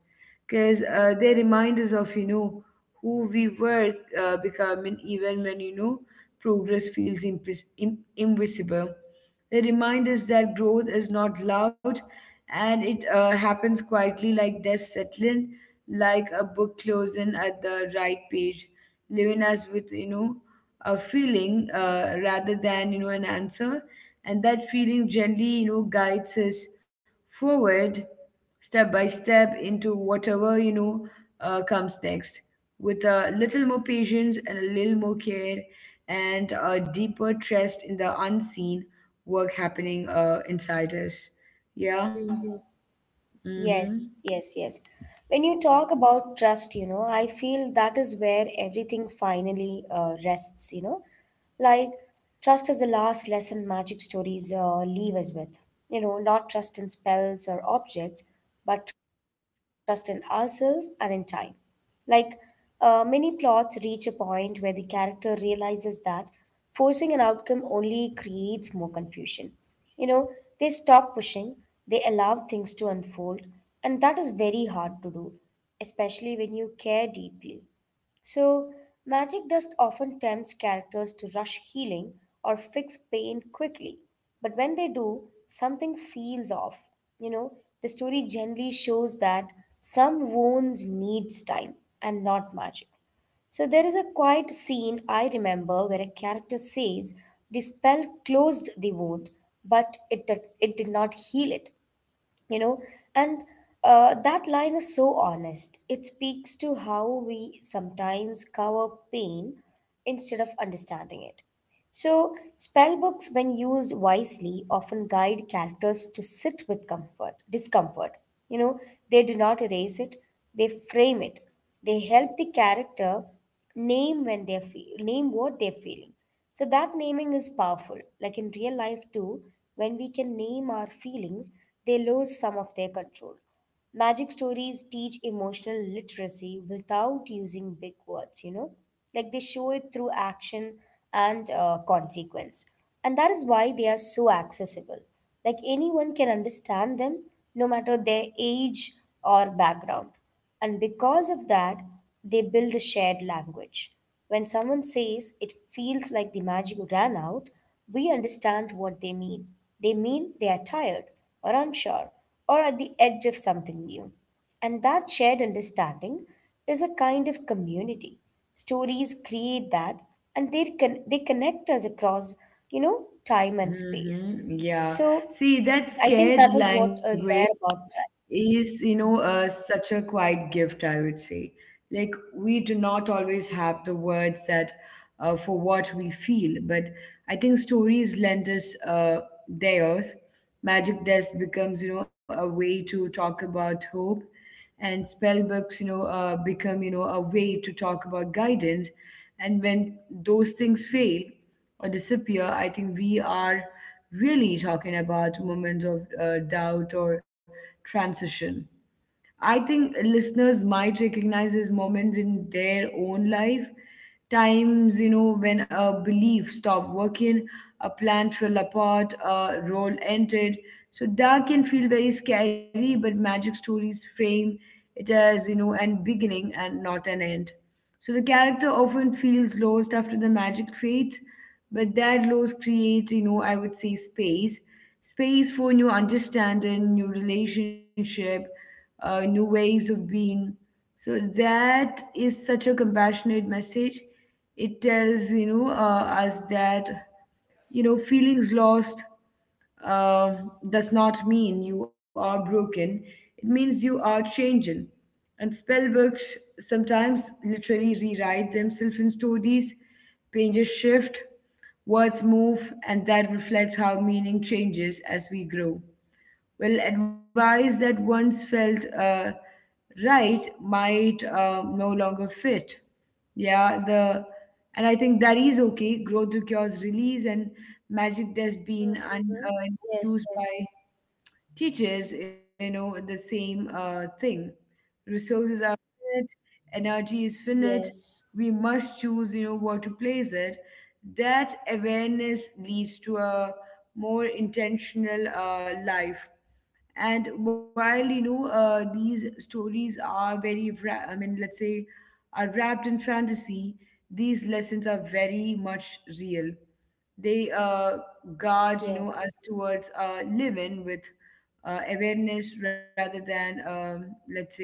S1: because they remind us of, you know, who we were becoming even when, you know, progress feels impis im invisible. They remind us that growth is not loud and it happens quietly, like dust settling, like a book closing at the right page, leaving us with, you know, a feeling rather than an answer. And that feeling generally, you know, guides us forward step by step into whatever comes next with a little more patience and a little more care and a deeper trust in the unseen work happening inside us. Yeah.
S2: Mhm. Hmm.
S1: Mm-hmm.
S2: Yes, yes, yes. When you talk about trust, you know, I feel that is where everything finally rests, you know. Like, trust is the last lesson magic stories leave us with. You know, not trust in spells or objects, but trust in ourselves and in time. Like, many plots reach a point where the character realizes that forcing an outcome only creates more confusion. You know, they stop pushing, they allow things to unfold, and that is very hard to do, especially when you care deeply. So, magic dust often tempts characters to rush healing or fix pain quickly. But when they do, something feels off. You know, the story generally shows that some wounds needs time and not magic. So there is a quiet scene I remember where a character says the spell closed the wound, but it did not heal it, you know. And that line is so honest. It speaks to how we sometimes cover pain instead of understanding it. So, spell books, when used wisely, often guide characters to sit with discomfort. You know, they do not erase it; they frame it. They help the character name what they're feeling. So that naming is powerful. Like in real life too, when we can name our feelings, they lose some of their control. Magic stories teach emotional literacy without using big words, you know, like they show it through action and consequence. And that is why they are so accessible. Like anyone can understand them, no matter their age or background. And because of that, they build a shared language. When someone says it feels like the magic ran out, we understand what they mean. They mean they are tired or unsure or at the edge of something new. And that shared understanding is a kind of community. Stories create that, and they connect us across, you know, time and space.
S1: Mm-hmm. Yeah.
S2: So
S1: See, that
S2: I think
S1: scared
S2: that is what
S1: language
S2: is there about trust.
S1: is
S2: Mm-hmm.
S1: such a quiet gift, I would say. Like, we do not always have the words that for what we feel, but I think stories lend us theirs. Magic dust becomes, you know, a way to talk about hope, and spell books, become, you know, a way to talk about guidance. And when those things fail or disappear, I think we are really talking about moments of doubt or transition. I think listeners might recognize these moments in their own life. Times, you know, when a belief stopped working, a plan fell apart, a role ended. So that can feel very scary, but magic stories frame it as, you know, an beginning and not an end. So the character often feels lost after the magic fades, but that loss creates, you know, I would say space. Space for new understanding, new relationship, new ways of being. So that is such a compassionate message. It tells, you know, us that, you know, feelings lost uh, does not mean you are broken. It means you are changing. And spell books sometimes literally rewrite themselves in stories, pages shift, words move, and that reflects how meaning changes as we grow. Well, advice that once felt right might no longer fit. Yeah, the and I think that is okay. Growth requires release, and magic
S2: Mm-hmm. Yes,
S1: used
S2: yes,
S1: by teachers, you know, the same thing. Resources are finite, energy is
S2: yes,
S1: finite. We must choose, you know, where to place it. That awareness leads to a more intentional life. And while, these stories are very wra- I mean let's say are wrapped in fantasy, these lessons are very much real. They guard, you
S2: yes.
S1: know, us towards living with awareness rather than let's say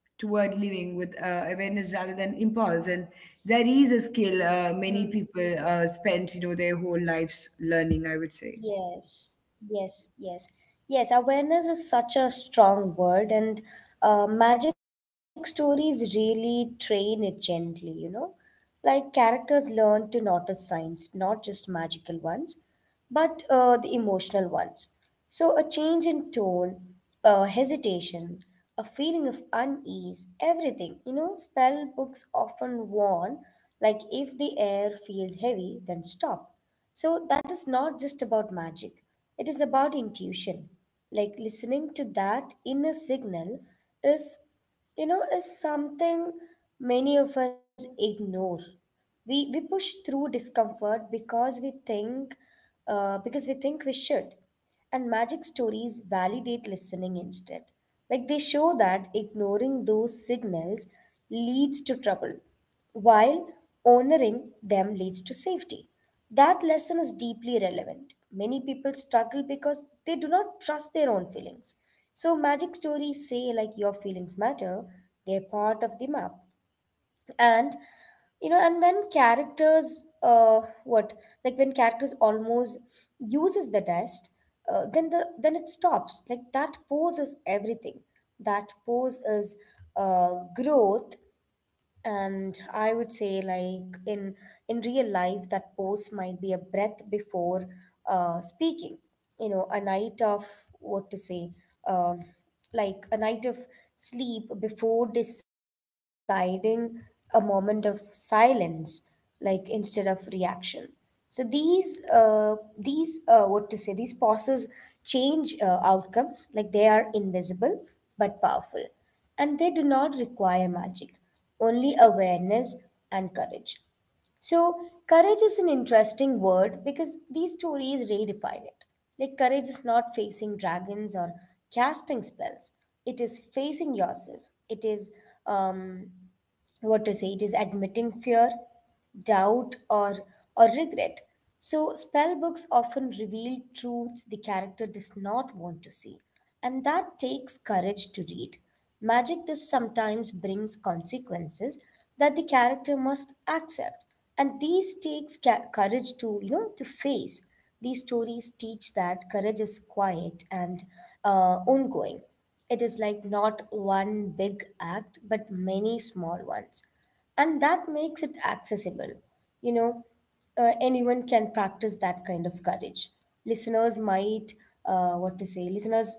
S1: toward living with awareness rather than impulse. And that is a skill many
S2: Mm-hmm.
S1: people spend, you know, their whole lives learning, I would say.
S2: Yes, yes, yes. Yes, awareness is such a strong word, and magic stories really train it gently, you know? Like characters learn to notice signs, not just magical ones, but the emotional ones. So, a change in tone, hesitation, a feeling of unease, everything. You know, spell books often warn, like if the air feels heavy, then stop. So that is not just about magic, it is about intuition. Like listening to that inner signal is, you know, is something many of us ignore. We push through discomfort because we think we should. And magic stories validate listening instead. Like they show that ignoring those signals leads to trouble, while honoring them leads to safety. That lesson is deeply relevant. Many people struggle because they do not trust their own feelings. So, magic stories say, like, your feelings matter, they're part of the map. And, you know, and when when characters almost uses the test, then then it stops, like that pose is everything. That pose is growth. And I would say, like in real life, that pose might be a breath before speaking, you know, a night of what to say uh, like a night of sleep before deciding, a moment of silence, like instead of reaction. So these what to say these pauses change outcomes. Like they are invisible but powerful, and they do not require magic, only awareness and courage. So courage is an interesting word, because these stories redefine it. Like courage is not facing dragons or casting spells. It is facing yourself. It is um, what to say it is admitting fear, doubt, or regret. So spell books often reveal truths the character does not want to see, and that takes courage to read. Magic does sometimes brings consequences that the character must accept, and these takes courage to, you know, to face. These stories teach that courage is quiet and ongoing. It is, like, not one big act but many small ones, and that makes it accessible. You know, anyone can practice that kind of courage. Listeners might what to say listeners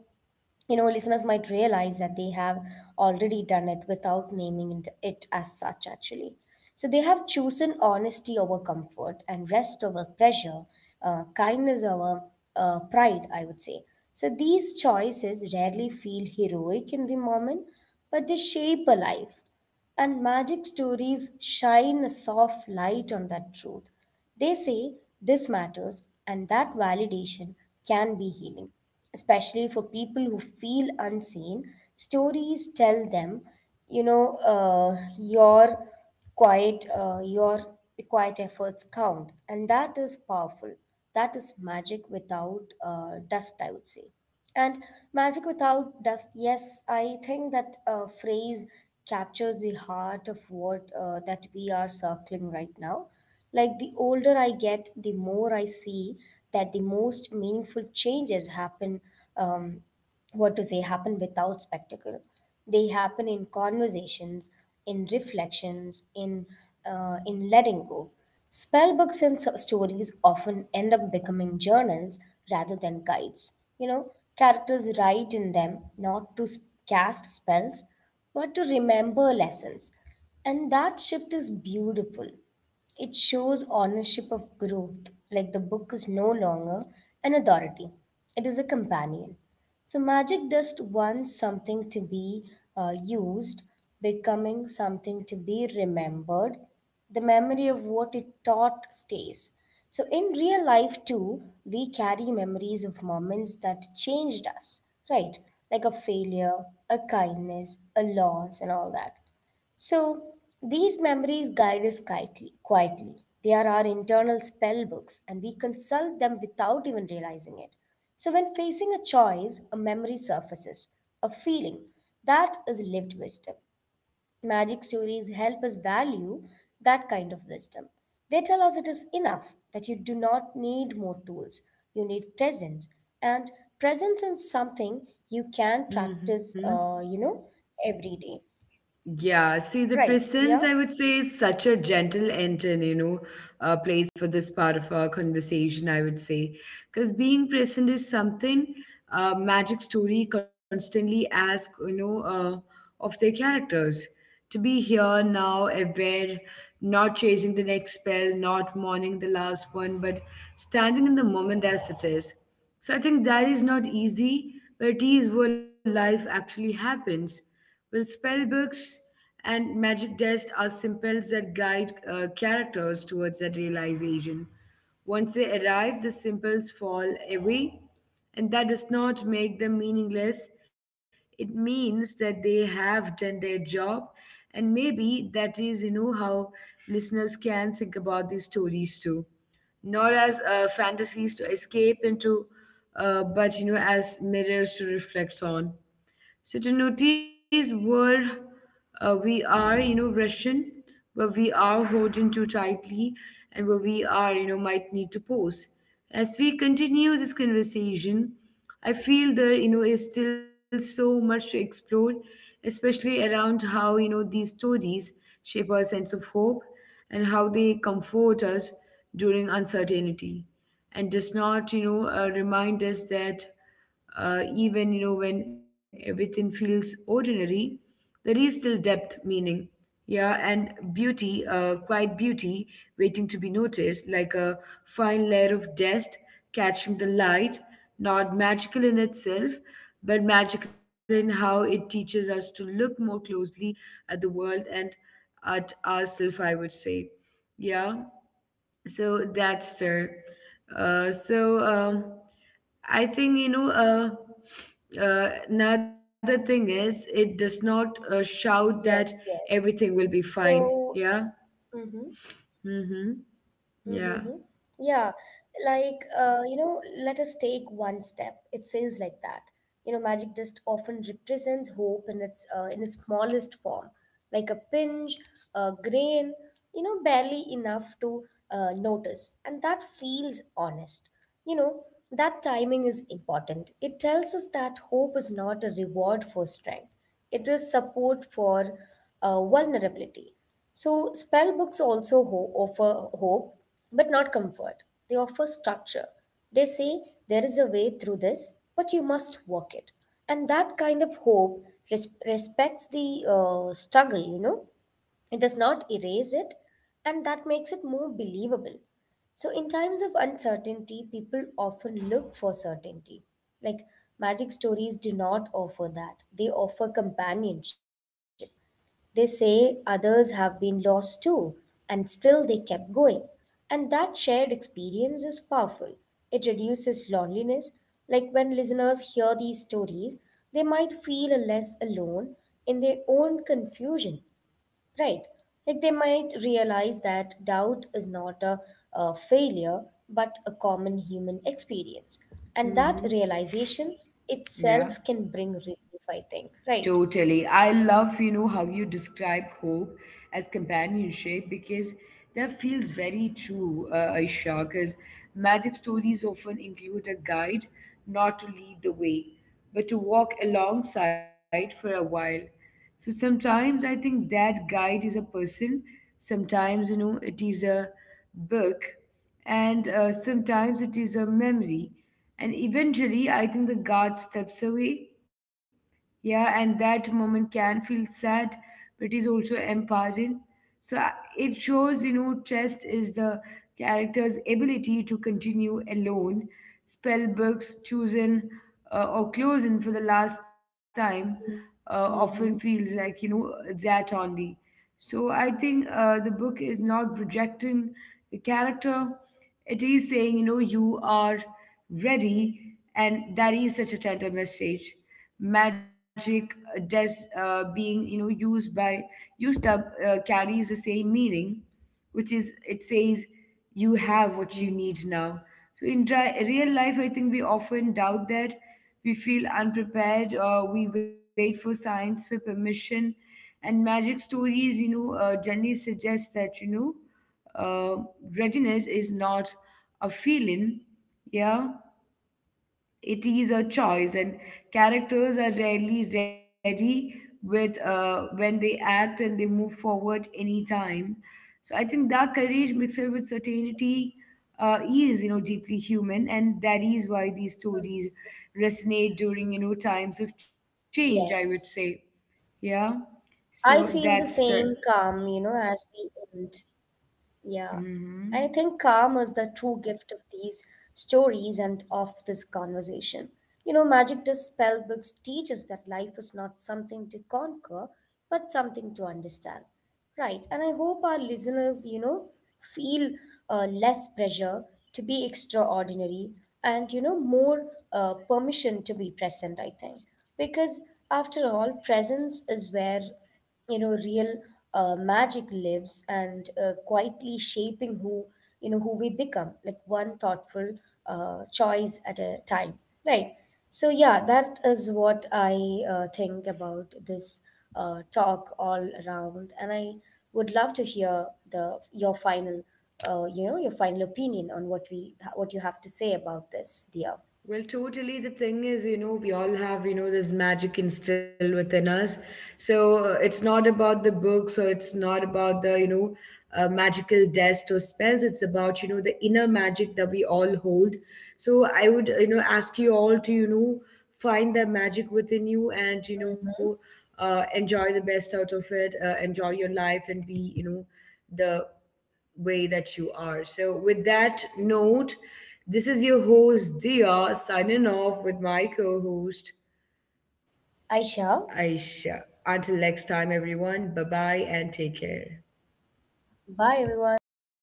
S2: you know, listeners might realize that they have already done it without naming it as such, actually. So they have chosen honesty over comfort and rest over pressure, kindness over pride, I would say. So these choices rarely feel heroic in the moment, but they shape a life. And magic stories shine a soft light on that truth. They say this matters, and that validation can be healing, especially for people who feel unseen. Stories tell them, you know, your quiet efforts count, and that is powerful. That is magic without dust, I would say. And magic without dust, yes, I think that phrase captures the heart of what that we are circling right now. Like the older I get, the more I see that the most meaningful changes happen um, what to say happen without spectacle. They happen in conversations, in reflections, in letting go. Spellbooks and stories often end up becoming journals rather than guides, you know. Characters write in them not to cast spells but to remember lessons, and that shift is beautiful. It shows ownership of growth. Like the book is no longer an authority, it is a companion. So magic dust wants something to be used, becoming something to be remembered. The memory of what it taught stays. So in real life too, we carry memories of moments that changed us, right? Like a failure, a kindness, a loss, and all that. So these memories guide us quietly. They are our internal spell books, and we consult them without even realizing it. So when facing a choice, a memory surfaces, a feeling that is lived wisdom. Magic stories help us value that kind of wisdom. They tell us it is enough, that you do not need more tools. You need presence. And presence is something you can
S1: Mm-hmm.
S2: practice, you know, every day.
S1: Yeah, see, the
S2: Right,
S1: presence, I
S2: Dia?
S1: would say, is such a gentle and, you know, place for this part of our conversation, I would say. Because being present is something Magic Story constantly asks, you know, of their characters to be here, now, aware, not chasing the next spell, not mourning the last one, but standing in the moment as it is. So I think that is not easy, but it is where life actually happens. Well, spell books and magic dust are symbols that guide characters towards that realization. Once they arrive, the symbols fall away, and that does not make them meaningless. It means that they have done their job, and maybe that is, you know, how listeners can think about these stories too, not as fantasies to escape into, but, you know, as mirrors to reflect on. So, to notice where we are, you know, Russian, where we are holding too tightly, and where we are, you know, might need to pause. As we continue this conversation, I feel there, you know, is still so much to explore, especially around how, you know, these stories shape our sense of hope and how they comfort us during uncertainty and does not, remind us that even, you know, when everything feels ordinary, there is still depth meaning. Yeah. And beauty, quiet beauty waiting to be noticed, like a fine layer of dust catching the light, not magical in itself, but magical in how it teaches us to look more closely at the world and at ourselves, I would say. Yeah. So that's there. uh, so um, I think, you know. Another thing is, it does not shout
S2: Yes,
S1: that
S2: yes.
S1: everything will be fine.
S2: So,
S1: Yeah.
S2: mm-hmm.
S1: Mm-hmm.
S2: Mm-hmm.
S1: Yeah.
S2: Yeah, like you know, let us take one step. It says like that. You know, magic just often represents hope in its in its smallest form, like a pinch, a grain. You know, barely enough to notice, and that feels honest. You know, that timing is important. It tells us that hope is not a reward for strength; it is support for vulnerability. So, spell books also offer hope, but not comfort. They offer structure. They say there is a way through this, but you must work it. And that kind of hope respects the struggle, you know. It does not erase it, and that makes it more believable. So, in times of uncertainty, people often look for certainty. Like magic stories do not offer that, they offer companionship. They say others have been lost too, and still they kept going. And that shared experience is powerful. It reduces loneliness. Like when listeners hear these stories, they might feel less alone in their own confusion. Right. Like they might realize that doubt is not a, failure, but a common human experience. And that
S1: Mm-hmm.
S2: realization itself
S1: Yeah.
S2: can bring relief, I think. Right.
S1: Totally. I love, you know, how you describe hope as companionship, because that feels very true, Aisha, because magic stories often include a guide not to lead the way, but to walk alongside for a while. So sometimes I think that guide is a person, sometimes, you know, it is a book, and sometimes it is a memory. And eventually, I think the guard steps away. Yeah, and that moment can feel sad but is also empowering. so I- it shows, you know, trust is the character's ability to continue alone. Spell books chosen or closing for the last time often
S2: Mm-hmm.
S1: feels like, you know, that only. So I think the book is not rejecting the character. It is saying, you know, you are ready, and that is such a tender message. Magic, being, you know, used up, carries the same meaning, which is it says you have what you need now. So in real life, I think we often doubt that. We feel unprepared, or we wait for science for permission. And magic stories, you know, generally suggest that, uh, readiness is not a feeling. Yeah. It is a choice, and characters are rarely ready with when they act, and they move forward anytime. So I think that courage mixed with
S2: Yes, yes,
S1: certainty is, you know, deeply human, and that is why these stories resonate during, you know, times of change. I would say,
S2: yes.
S1: yeah.
S2: I feel
S1: So
S2: the same
S1: that's the.
S2: calm, you know, as we end. Yeah, I think calm
S1: Mhm.
S2: is the true gift of these stories and of this conversation. You know, Magic the Spell books teach us that life is not something to conquer, but something to understand. Right, and I hope our listeners, you know, feel less pressure to be extraordinary, and you know, more permission to be present, I think. Because after all, presence is where, you know, real magic lives, and quietly shaping who, you know, who we become, like one thoughtful choice at a time, right? So yeah, that is what I think about this talk all around, and I would love to hear the your final you know, your final opinion on what we what you have to say about this, dear
S1: Well, totally. The thing is, you know, we all have, you know, this magic instilled within us. So it's not about the books, or it's not about the, you know, magical dust or spells. It's about, you know, the inner magic that we all hold. So I would, you know, ask you all to, you know, find that magic within you and, you know, enjoy the best out of it, enjoy your life, and be, you know, the way that you are. So, with that note, this is your host, Dia, signing off with my co host,
S2: Aisha.
S1: Aisha. Until next time, everyone, bye bye and take care.
S2: Bye, everyone.